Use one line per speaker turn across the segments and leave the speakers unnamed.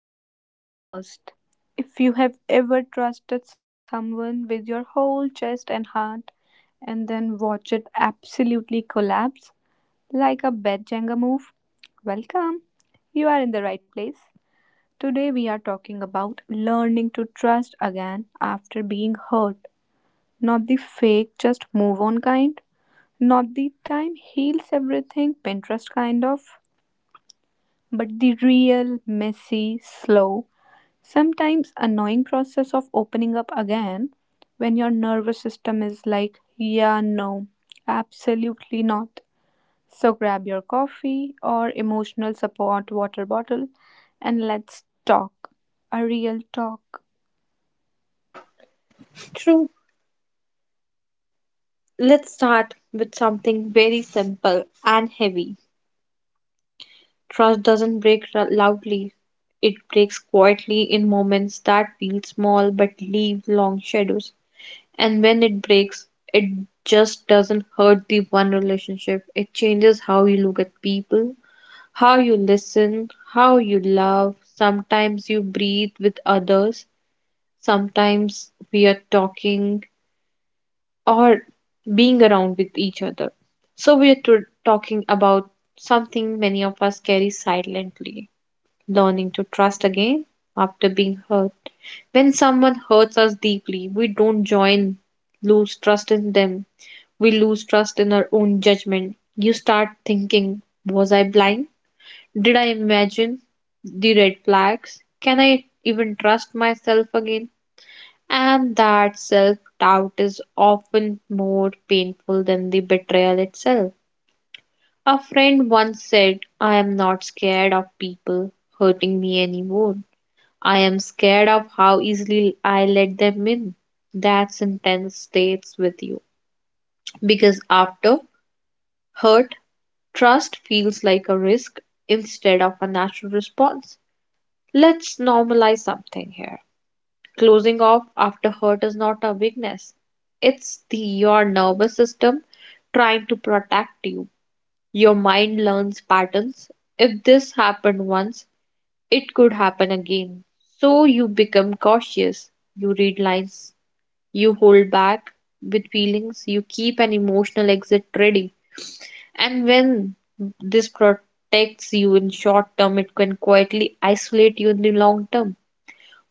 Deep breath first. If you have ever trusted someone with your whole chest and heart and then watch it absolutely collapse like a bad Jenga move, welcome. You are in the right place. Today we are talking about learning to trust again after being hurt. Not the fake, just move on kind. Not the time heals everything Pinterest kind of, but the real, messy, slow, sometimes annoying process of opening up again when your nervous system is like, yeah, no, absolutely not. So grab your coffee or emotional support water bottle and let's talk. A real talk.
True. Let's start with something very simple and heavy. Trust doesn't break loudly. It breaks quietly in moments that feel small but leave long shadows. And when it breaks, it just doesn't hurt the one relationship. It changes how you look at people, how you listen, how you love. Sometimes you breathe with others. Sometimes we are talking or being around with each other. So, we are talking about something many of us carry silently, learning to trust again after being hurt. When someone hurts us deeply, we don't join, lose trust in them. We lose trust in our own judgment. You start thinking, was I blind? Did I imagine the red flags? Can I even trust myself again? And that self doubt is often more painful than the betrayal itself. A friend once said, I am not scared of people hurting me anymore. I am scared of how easily I let them in. That sentence stays with you because after hurt, trust feels like a risk instead of a natural response. Let's normalize something here. Closing off after hurt is not a weakness. It's the your nervous system trying to protect you. Your mind learns patterns. If this happened once, it could happen again. So you become cautious. You read lines. You hold back with feelings. You keep an emotional exit ready. And when this protects you in short term, it can quietly isolate you in the long term.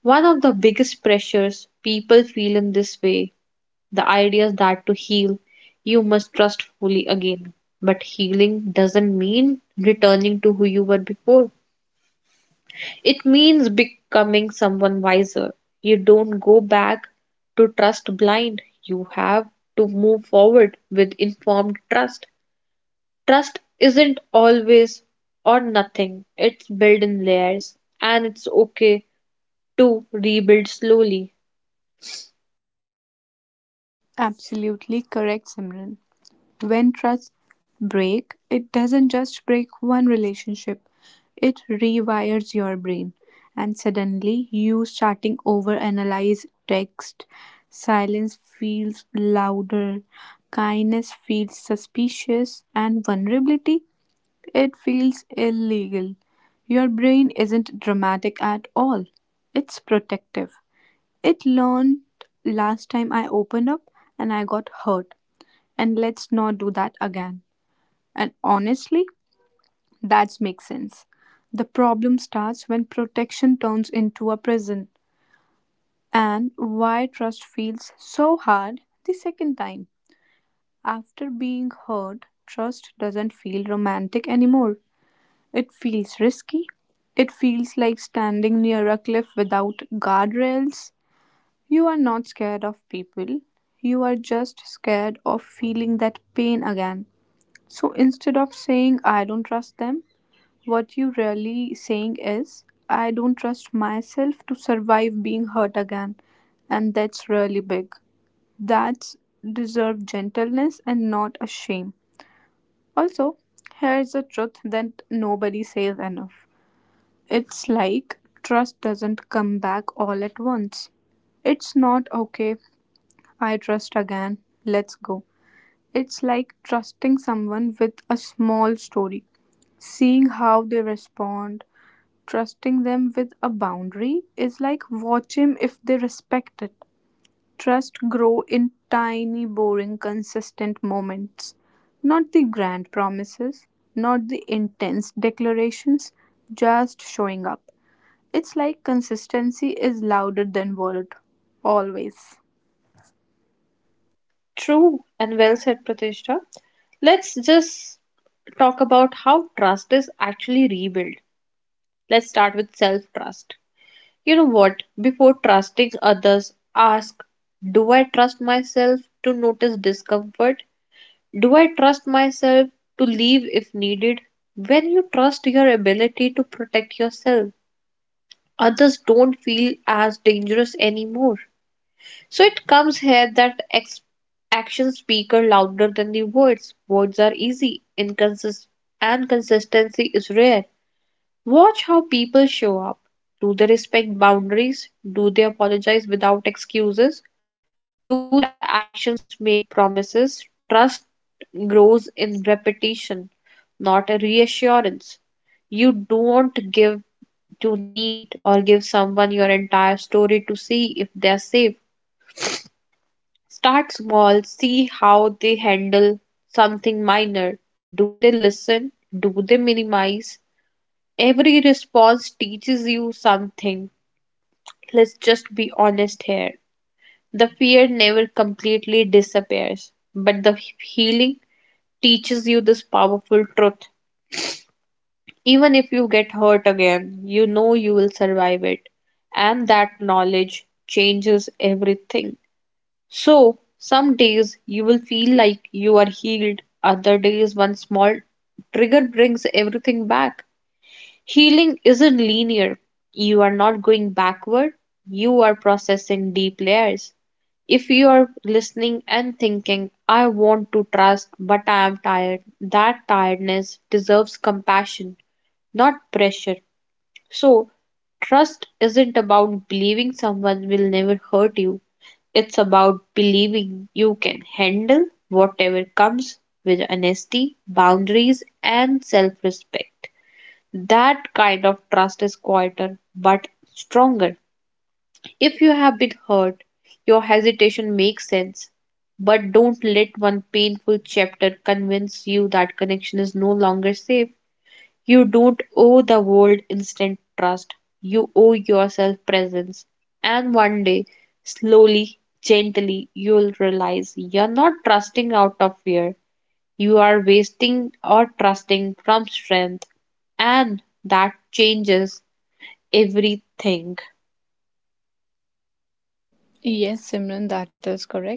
One of the biggest pressures people feel in this way, the idea is that to heal, you must trust fully again. But healing doesn't mean returning to who you were before. It means becoming someone wiser. You don't go back to trust blind. You have to move forward with informed trust. Trust isn't always or nothing, it's built in layers, and it's okay to rebuild slowly.
Absolutely correct, Simran. When trust break, it doesn't just break one relationship, it rewires your brain. And suddenly, you starting over analyze text. Silence feels louder, kindness feels suspicious, and vulnerability, it feels illegal. Your brain isn't dramatic at all, it's protective. It learned last time I opened up and I got hurt, and let's not do that again. And honestly, that makes sense. The problem starts when protection turns into a prison, and why trust feels so hard the second time. After being hurt, trust doesn't feel romantic anymore. It feels risky. It feels like standing near a cliff without guardrails. You are not scared of people, you are just scared of feeling that pain again. So instead of saying, I don't trust them, what you really saying is, I don't trust myself to survive being hurt again. And that's really big. That's deserve gentleness and not a shame. Also, here is a truth that nobody says enough. It's like trust doesn't come back all at once. It's not okay, I trust again, let's go. It's like trusting someone with a small story, seeing how they respond, trusting them with a boundary is like watching if they respect it. Trust grow in tiny, boring, consistent moments, not the grand promises, not the intense declarations, just showing up. It's like consistency is louder than word, always.
True and well said, Pratishtha. Let's just talk about how trust is actually rebuilt. Let's start with self trust. You know what? Before trusting others, ask: Do I trust myself to notice discomfort? Do I trust myself to leave if needed? When you trust your ability to protect yourself, others don't feel as dangerous anymore. So it comes here that actions speak louder than the words. Words are easy, and consistency is rare. Watch how people show up. Do they respect boundaries? Do they apologize without excuses? Do their actions make promises? Trust grows in repetition, not a reassurance. You don't give to need or give someone your entire story to see if they are safe. Start small, see how they handle something minor. Do they listen? Do they minimize? Every response teaches you something. Let's just be honest here. The fear never completely disappears, but the healing teaches you this powerful truth. Even if you get hurt again, you know you will survive it, and that knowledge changes everything. So, some days you will feel like you are healed, other days, one small trigger brings everything back. Healing isn't linear. You are not going backward, you are processing deep layers. If you are listening and thinking, I want to trust, but I am tired, that tiredness deserves compassion, not pressure. So, trust isn't about believing someone will never hurt you, it's about believing you can handle whatever comes with honesty, boundaries, and self respect. That kind of trust is quieter but stronger. If you have been hurt, your hesitation makes sense. But don't let one painful chapter convince you that connection is no longer safe. You don't owe the world instant trust. You owe yourself presence. And one day, slowly, gently, you'll realize you're not trusting out of fear. You are wasting or trusting from strength. And that changes everything.
Yes, Simran, that is correct.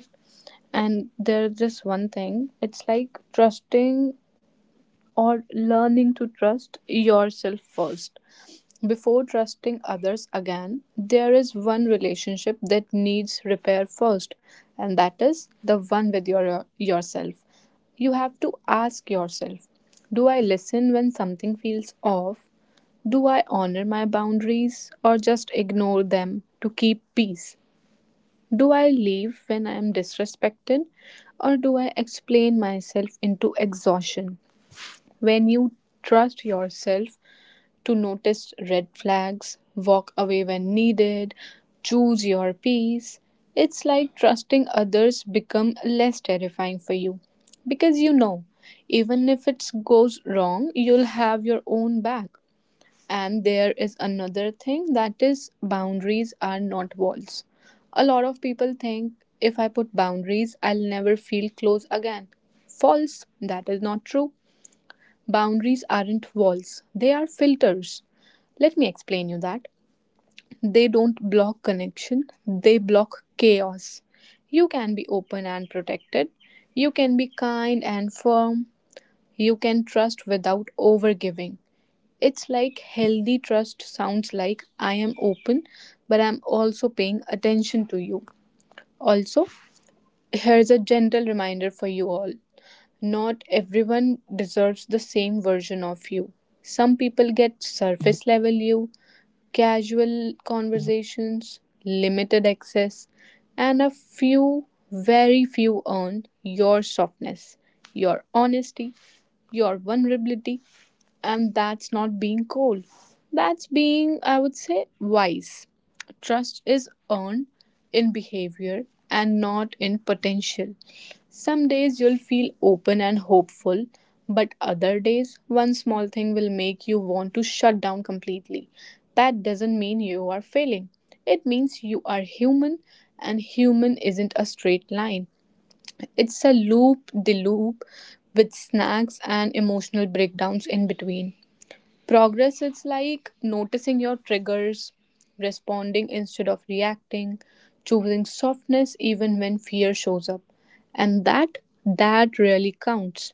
And there's just one thing it's like trusting or learning to trust yourself first. Before trusting others again, there is one relationship that needs repair first, and that is the one with your yourself. You have to ask yourself, do I listen when something feels off? Do I honor my boundaries or just ignore them to keep peace? Do I leave when I am disrespected or do I explain myself into exhaustion? When you trust yourself, to notice red flags, walk away when needed, choose your peace. It's like trusting others become less terrifying for you because you know even if it goes wrong, you'll have your own back. And there is another thing that is boundaries are not walls. A lot of people think if I put boundaries, I'll never feel close again. False, that is not true. Boundaries aren't walls, they are filters. Let me explain you that. They don't block connection, they block chaos. You can be open and protected, you can be kind and firm, you can trust without overgiving. It's like healthy trust sounds like I am open, but I'm also paying attention to you. Also, here's a gentle reminder for you all not everyone deserves the same version of you. Some people get surface level you, casual conversations, limited access, and a few, very few earn your softness, your honesty, your vulnerability, and that's not being cold. That's being, I would say, wise. Trust is earned in behavior and not in potential. Some days you'll feel open and hopeful, but other days, one small thing will make you want to shut down completely. That doesn't mean you are failing. It means you are human, and human isn't a straight line. It's a loop de loop with snacks and emotional breakdowns in between. Progress is like noticing your triggers, responding instead of reacting, choosing softness even when fear shows up. And that really counts.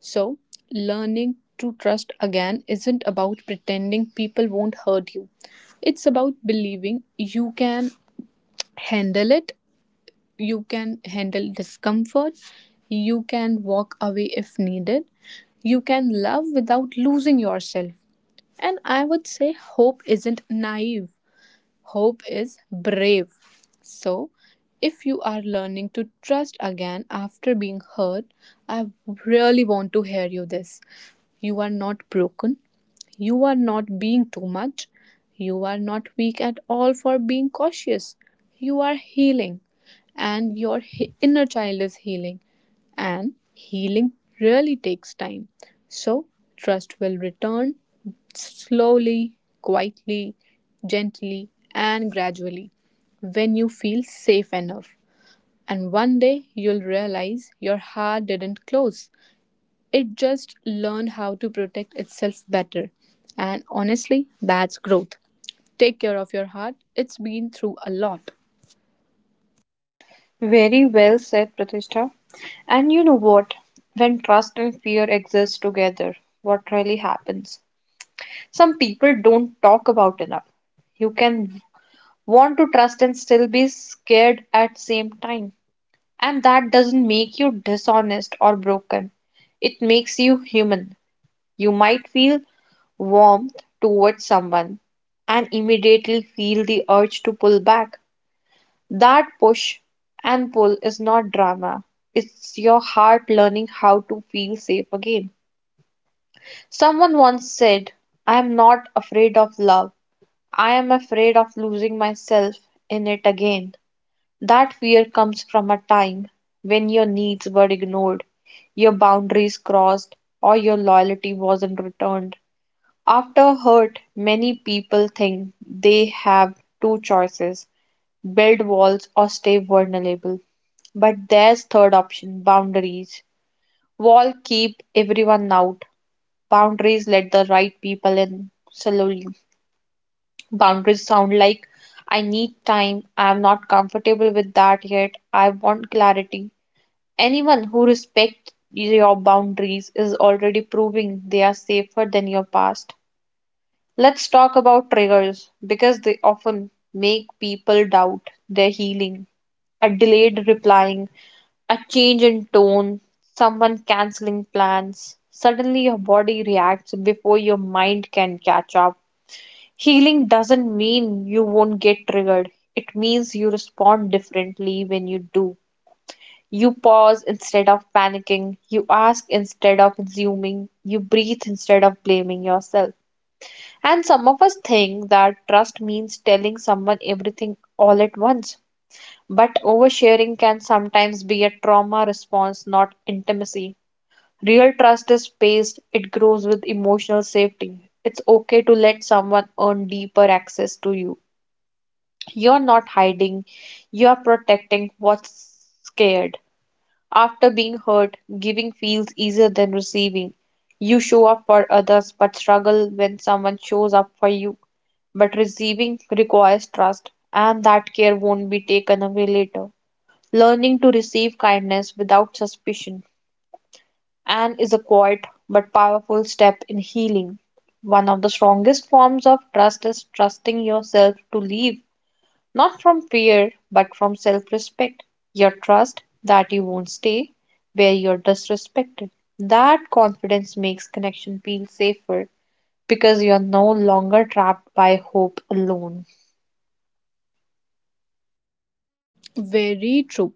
So, learning to trust again isn't about pretending people won't hurt you. It's about believing you can handle it. You can handle discomfort, you can walk away if needed, you can love without losing yourself. And I would say hope isn't naive. Hope is brave. So, if you are learning to trust again after being hurt, I really want to hear you this. You are not broken. You are not being too much. You are not weak at all for being cautious. You are healing, and your inner child is healing and healing really takes time. So, trust will return slowly, quietly, gently, and gradually when you feel safe enough. And one day you'll realize your heart didn't close, it just learned how to protect itself better. And honestly, that's growth. Take care of your heart, it's been through a lot.
Very well said, Pratishtha. And you know what? When trust and fear exist together, what really happens? Some people don't talk about enough. You can want to trust and still be scared at same time, and that doesn't make you dishonest or broken, it makes you human. You might feel warmth towards someone and immediately feel the urge to pull back. That push and pull is not drama, it's your heart learning how to feel safe again. Someone once said, I am not afraid of love, I am afraid of losing myself in it again. That fear comes from a time when your needs were ignored, your boundaries crossed, or your loyalty wasn't returned. After hurt, many people think they have two choices: build walls or stay vulnerable. But there's third option: boundaries. Wall keep everyone out. Boundaries let the right people in slowly. Boundaries sound like: I need time. I'm not comfortable with that yet. I want clarity. Anyone who respects your boundaries is already proving they are safer than your past. Let's talk about triggers because they often make people doubt their healing. A delayed replying, a change in tone, someone canceling plans. Suddenly, your body reacts before your mind can catch up. Healing doesn't mean you won't get triggered, it means you respond differently when you do. You pause instead of panicking. You ask instead of assuming. You breathe instead of blaming yourself. And some of us think that trust means telling someone everything all at once. But oversharing can sometimes be a trauma response, not intimacy. Real trust is paced, it grows with emotional safety. It's okay to let someone earn deeper access to you. You're not hiding, you're protecting what's scared. After being hurt, giving feels easier than receiving. You show up for others but struggle when someone shows up for you. But receiving requires trust, and that care won't be taken away later. Learning to receive kindness without suspicion and is a quiet but powerful step in healing. One of the strongest forms of trust is trusting yourself to leave not from fear, but from self respect. Your trust that you won't stay where you're disrespected. That confidence makes connection feel safer because you're no longer trapped by hope alone.
Very true.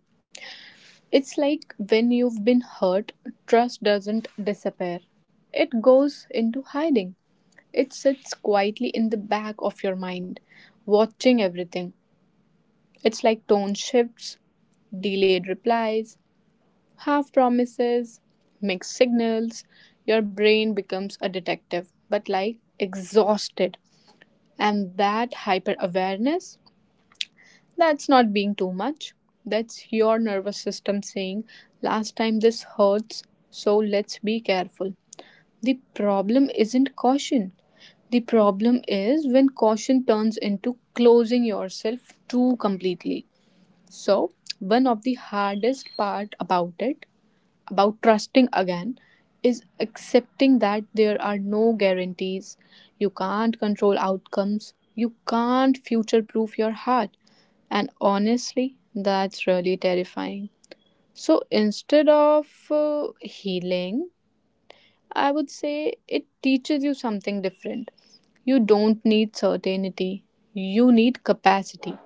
It's like when you've been hurt, trust doesn't disappear. It goes into hiding. It sits quietly in the back of your mind, watching everything. It's like tone shifts, delayed replies, half promises, mixed signals. Your brain becomes a detective, but like exhausted. And that hyper awareness, that's not being too much. That's your nervous system saying, last time this hurts, so let's be careful. The problem isn't caution. The problem is when caution turns into closing yourself too completely. So, one of the hardest part about it about trusting again is accepting that there are no guarantees. You can't control outcomes. You can't future proof your heart. And honestly, that's really terrifying. So instead of healing, I would say it teaches you something different. You don't need certainty, you need capacity.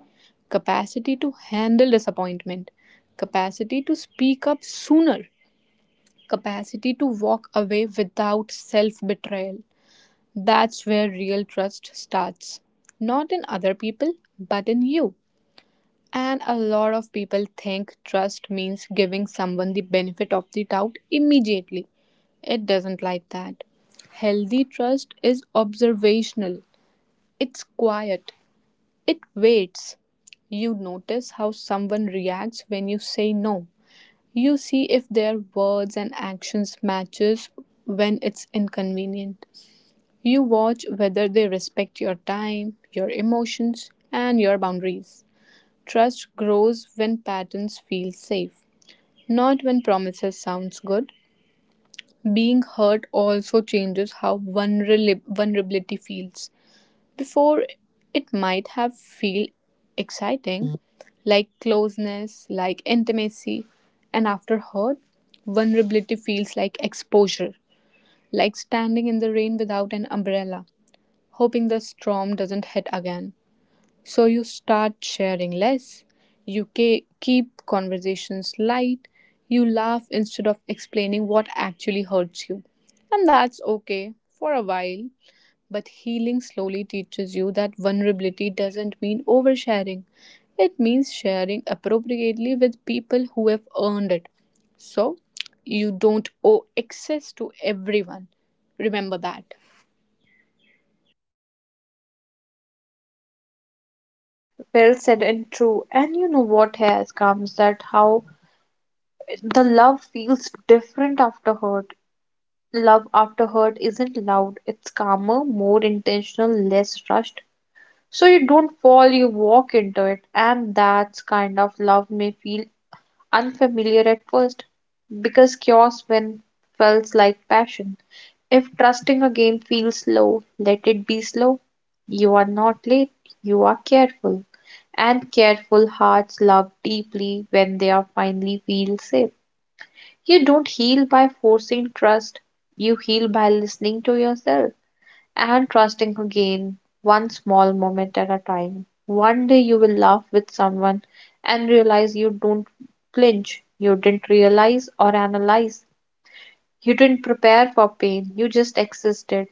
Capacity to handle disappointment, capacity to speak up sooner, capacity to walk away without self betrayal. That's where real trust starts. Not in other people, but in you. And a lot of people think trust means giving someone the benefit of the doubt immediately. It doesn't like that. Healthy trust is observational, it's quiet, it waits. You notice how someone reacts when you say no. You see if their words and actions matches when it's inconvenient. You watch whether they respect your time, your emotions, and your boundaries. Trust grows when patterns feel safe, not when promises sounds good. Being hurt also changes how vulnerability feels. Before, it might have feel exciting, like closeness, like intimacy, and afterward, vulnerability feels like exposure, like standing in the rain without an umbrella, hoping the storm doesn't hit again. So you start sharing less, you keep conversations light, you laugh instead of explaining what actually hurts you. And that's okay for a while but healing slowly teaches you that vulnerability doesn't mean oversharing. It means sharing appropriately with people who have earned it. So you don't owe access to everyone. Remember that.
Very well said and true. And you know what has comes that how the love feels different after hurt. Love after hurt isn't loud, it's calmer, more intentional, less rushed. So you don't fall, you walk into it. And that kind of love may feel unfamiliar at first because chaos when felt like passion. If trusting again feels slow, let it be slow. You are not late, you are careful. And careful hearts love deeply when they are finally feel safe. You don't heal by forcing trust, you heal by listening to yourself and trusting again, one small moment at a time. One day you will laugh with someone and realize you don't flinch, you didn't realize or analyze, you didn't prepare for pain, you just existed.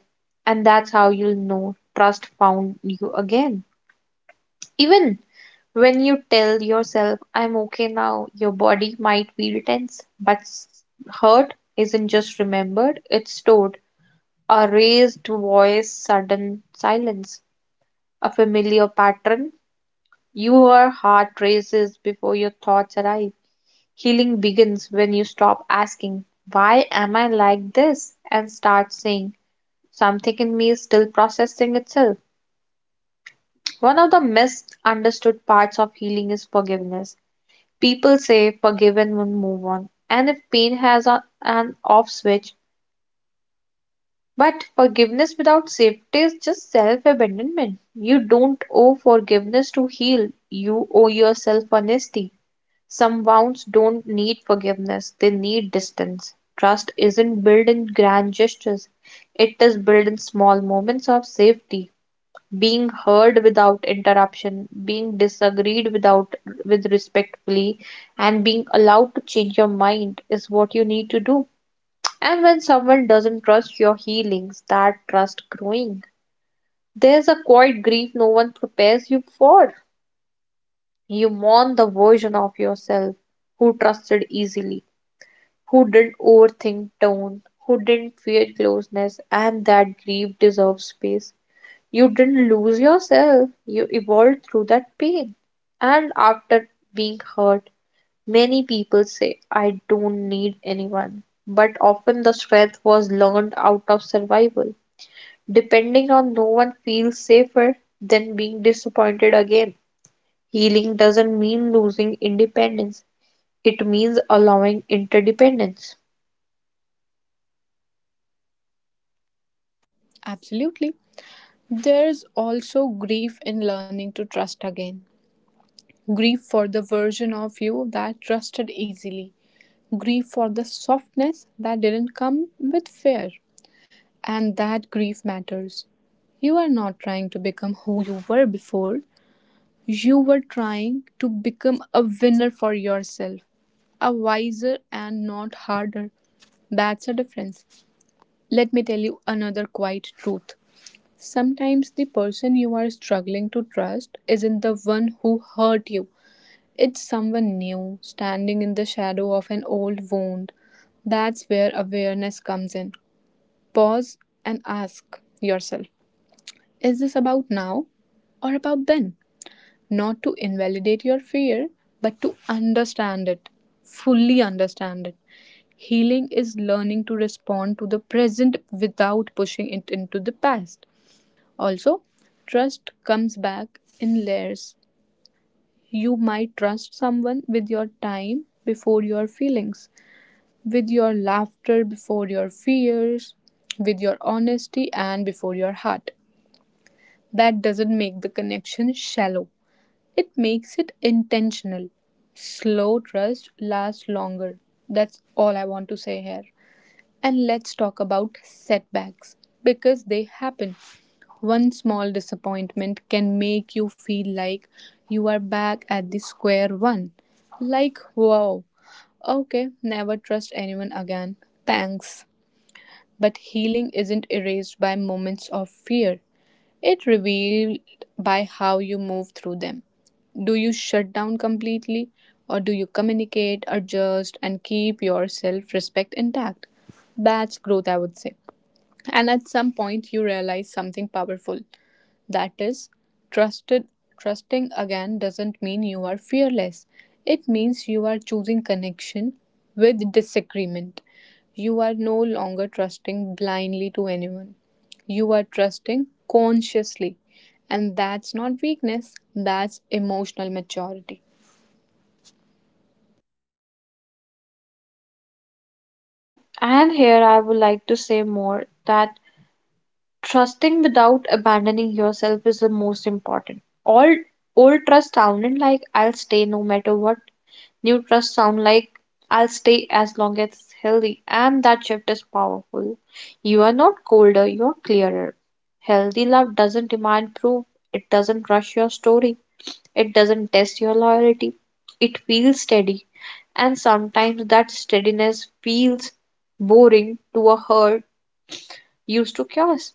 And that's how you'll know trust found you again. Even when you tell yourself, I'm okay now, your body might feel tense, but hurt isn't just remembered, it's stored. A raised voice, sudden silence, a familiar pattern. Your heart races before your thoughts arrive. Healing begins when you stop asking, why am I like this? And start saying, something in me is still processing itself. One of the misunderstood parts of healing is forgiveness. People say forgive and will move on. And if pain has a, an off switch, but forgiveness without safety is just self abandonment. You don't owe forgiveness to heal, you owe yourself honesty. Some wounds don't need forgiveness, they need distance. Trust isn't built in grand gestures, it is built in small moments of safety. Being heard without interruption, being disagreed without with respectfully, and being allowed to change your mind is what you need to do. And when someone doesn't trust your healings, that trust growing. There's a quiet grief no one prepares you for. You mourn the version of yourself who trusted easily, who didn't overthink tone, who didn't fear closeness, and that grief deserves space. You didn't lose yourself, you evolved through that pain. And after being hurt, many people say, I don't need anyone. But often the strength was learned out of survival. Depending on no one feels safer than being disappointed again. Healing doesn't mean losing independence, it means allowing interdependence.
Yeah, absolutely. There's also grief in learning to trust again. Grief for the version of you that trusted easily. Grief for the softness that didn't come with fear. And that grief matters. You are not trying to become who you were before, you were trying to become a winner for yourself, a wiser and not harder. That's a difference. Let me tell you another quiet truth. Sometimes the person you are struggling to trust isn't the one who hurt you. It's someone new, standing in the shadow of an old wound. That's where awareness comes in. Pause and ask yourself, is this about now or about then? Not to invalidate your fear, but to understand it, fully understand it. Healing is learning to respond to the present without pushing it into the past. Also, trust comes back in layers. You might trust someone with your time before your feelings, with your laughter before your fears, with your honesty and before your heart. That doesn't make the connection shallow, it makes it intentional. Slow trust lasts longer. That's all I want to say here. And let's talk about setbacks because they happen. One small disappointment can make you feel like you are back at the square one. Like, wow, okay, never trust anyone again. Thanks. But healing isn't erased by moments of fear. It revealed by how you move through them. Do you shut down completely, or do you communicate, adjust, and keep your self respect intact? That's growth, I would say. And at some point, you realize something powerful. That is, trusted trusting again doesn't mean you are fearless. It means you are choosing connection with disagreement. You are no longer trusting blindly to anyone. You are trusting consciously. And that's not weakness, that's emotional maturity.
True, and here I would like to say more that trusting without abandoning yourself is the most important. All old trust sounded like, I'll stay no matter what. New trust sound like, I'll stay as long as it's healthy, and that shift is powerful. You are not colder, you're clearer. Healthy love doesn't demand proof, it doesn't rush your story. It doesn't test your loyalty. It feels steady. And sometimes that steadiness feels boring to a herd used to chaos.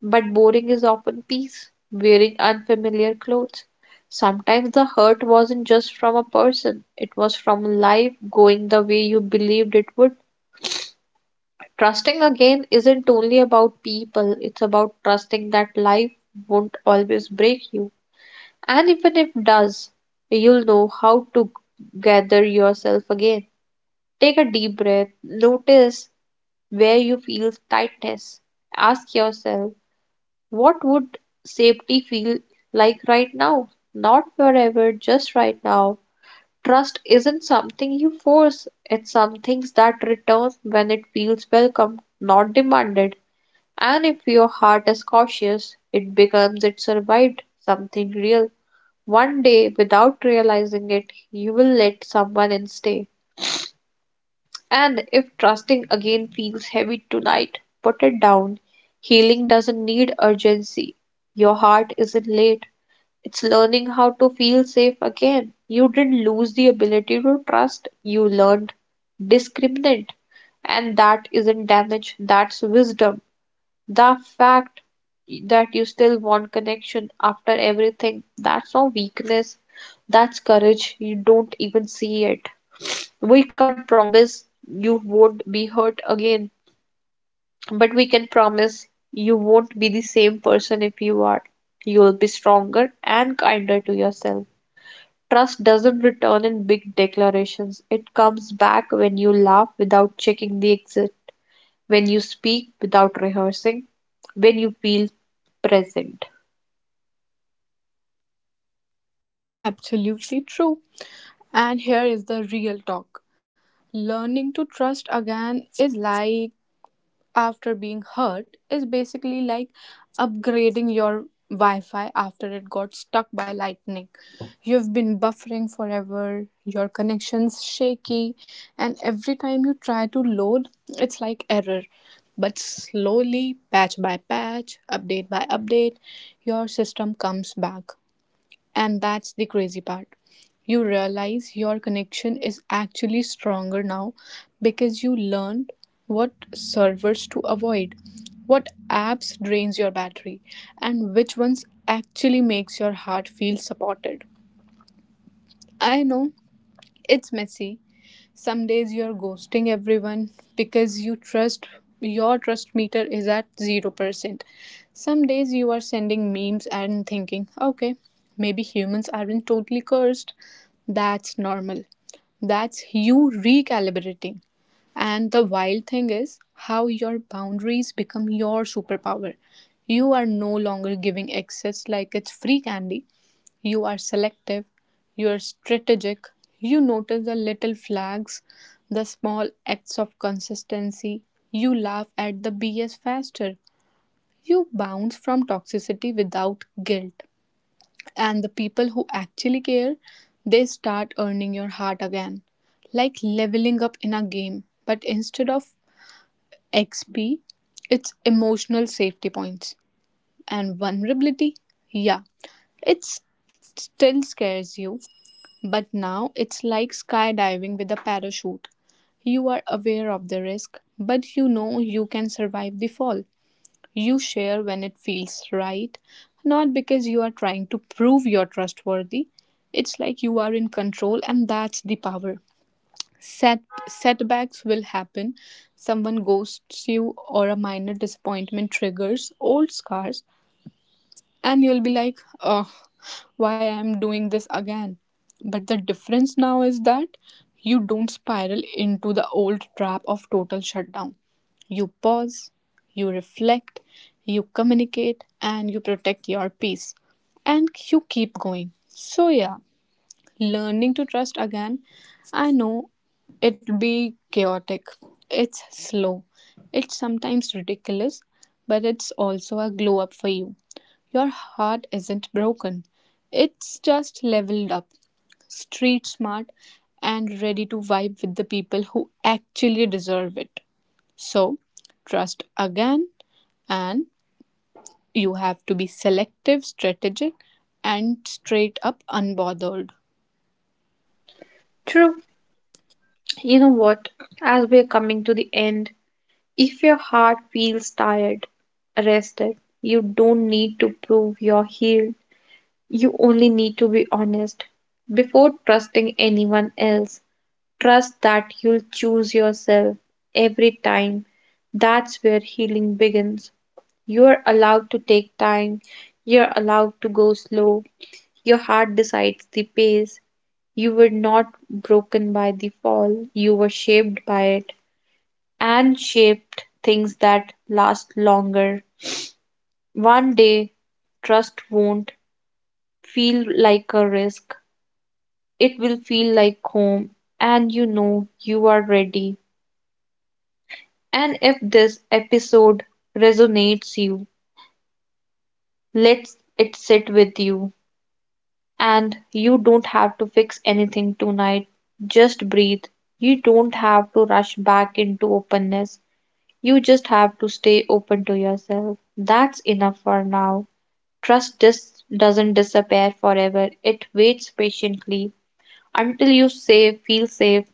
But boring is often peace, wearing unfamiliar clothes. Sometimes the hurt wasn't just from a person, it was from life going the way you believed it would. Trusting again isn't only about people, it's about trusting that life won't always break you. And even if does, you'll know how to gather yourself again. Take a deep breath, notice where you feel tightness. Ask yourself, what would safety feel like right now? Not forever, just right now. Trust isn't something you force, it's something that returns when it feels welcome, not demanded. And if your heart is cautious, it becomes it survived something real. One day, without realizing it, you will let someone in stay. And if trusting again feels heavy tonight, put it down. Healing doesn't need urgency. Your heart isn't late. It's learning how to feel safe again. You didn't lose the ability to trust, you learned discriminate. And that isn't damage, that's wisdom. The fact that you still want connection after everything, that's not weakness, that's courage. You don't even see it. We can't promise you won't be hurt again, but we can promise you won't be the same person if you are. You'll be stronger and kinder to yourself. Trust doesn't return in big declarations. It comes back when you laugh without checking the exit, when you speak without rehearsing, when you feel present.
Absolutely true. And here is the real talk. Learning to trust again is like after being hurt is basically like upgrading your Wi-Fi after it got stuck by lightning. You've been buffering forever, your connection's shaky, and every time you try to load, it's like error. But slowly, patch by patch, update by update, your system comes back. And that's the crazy part. You realize your connection is actually stronger now because you learned what servers to avoid, what apps drains your battery, and which ones actually makes your heart feel supported. I know it's messy, some days you're ghosting everyone because you trust your trust meter is at 0%. Some days you are sending memes and thinking, okay, maybe humans aren't totally cursed. That's normal. That's you recalibrating. And the wild thing is how your boundaries become your superpower. You are no longer giving access like it's free candy. You are selective, you're strategic. You notice the little flags, the small acts of consistency. You laugh at the BS faster. You bounce from toxicity without guilt. And the people who actually care, they start earning your heart again. Like leveling up in a game, but instead of XP, it's emotional safety points. And vulnerability, yeah, it still scares you, but now it's like skydiving with a parachute. You are aware of the risk, but you know you can survive the fall. You share when it feels right, not because you are trying to prove you're trustworthy. It's like you are in control, and that's the power. Set, Setbacks will happen. Someone ghosts you, or a minor disappointment triggers old scars and you'll be like, oh, why I'm doing this again. But the difference now is that you don't spiral into the old trap of total shutdown. You pause, you reflect, you communicate, and you protect your peace, and you keep going. So yeah, learning to trust again. I know it'll be chaotic, it's slow, it's sometimes ridiculous, but it's also a glow up for you. Your heart isn't broken, it's just leveled up, street smart, and ready to vibe with the people who actually deserve it. So, trust again, and you have to be selective, strategic, and straight up unbothered.
True, you know what? As we're coming to the end, if your heart feels tired, rested, you don't need to prove you're healed. You only need to be honest. Before trusting anyone else, trust that you'll choose yourself every time. That's where healing begins. You're allowed to take time, you're allowed to go slow, your heart decides the pace. You were not broken by the fall, you were shaped by it, and shaped things that last longer. One day, trust won't feel like a risk, it will feel like home, and you know you are ready. And if this episode resonates you, let it sit with you. And you don't have to fix anything tonight. Just breathe. You don't have to rush back into openness. You just have to stay open to yourself. That's enough for now. Trust doesn't disappear forever, it waits patiently until you say, feel safe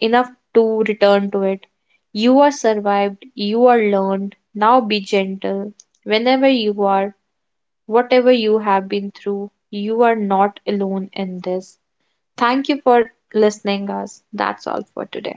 enough to return to it. You are survived, you are learned. Now be gentle. Whenever you are, whatever you have been through, you are not alone in this. Thank you for listening us. That's all for today.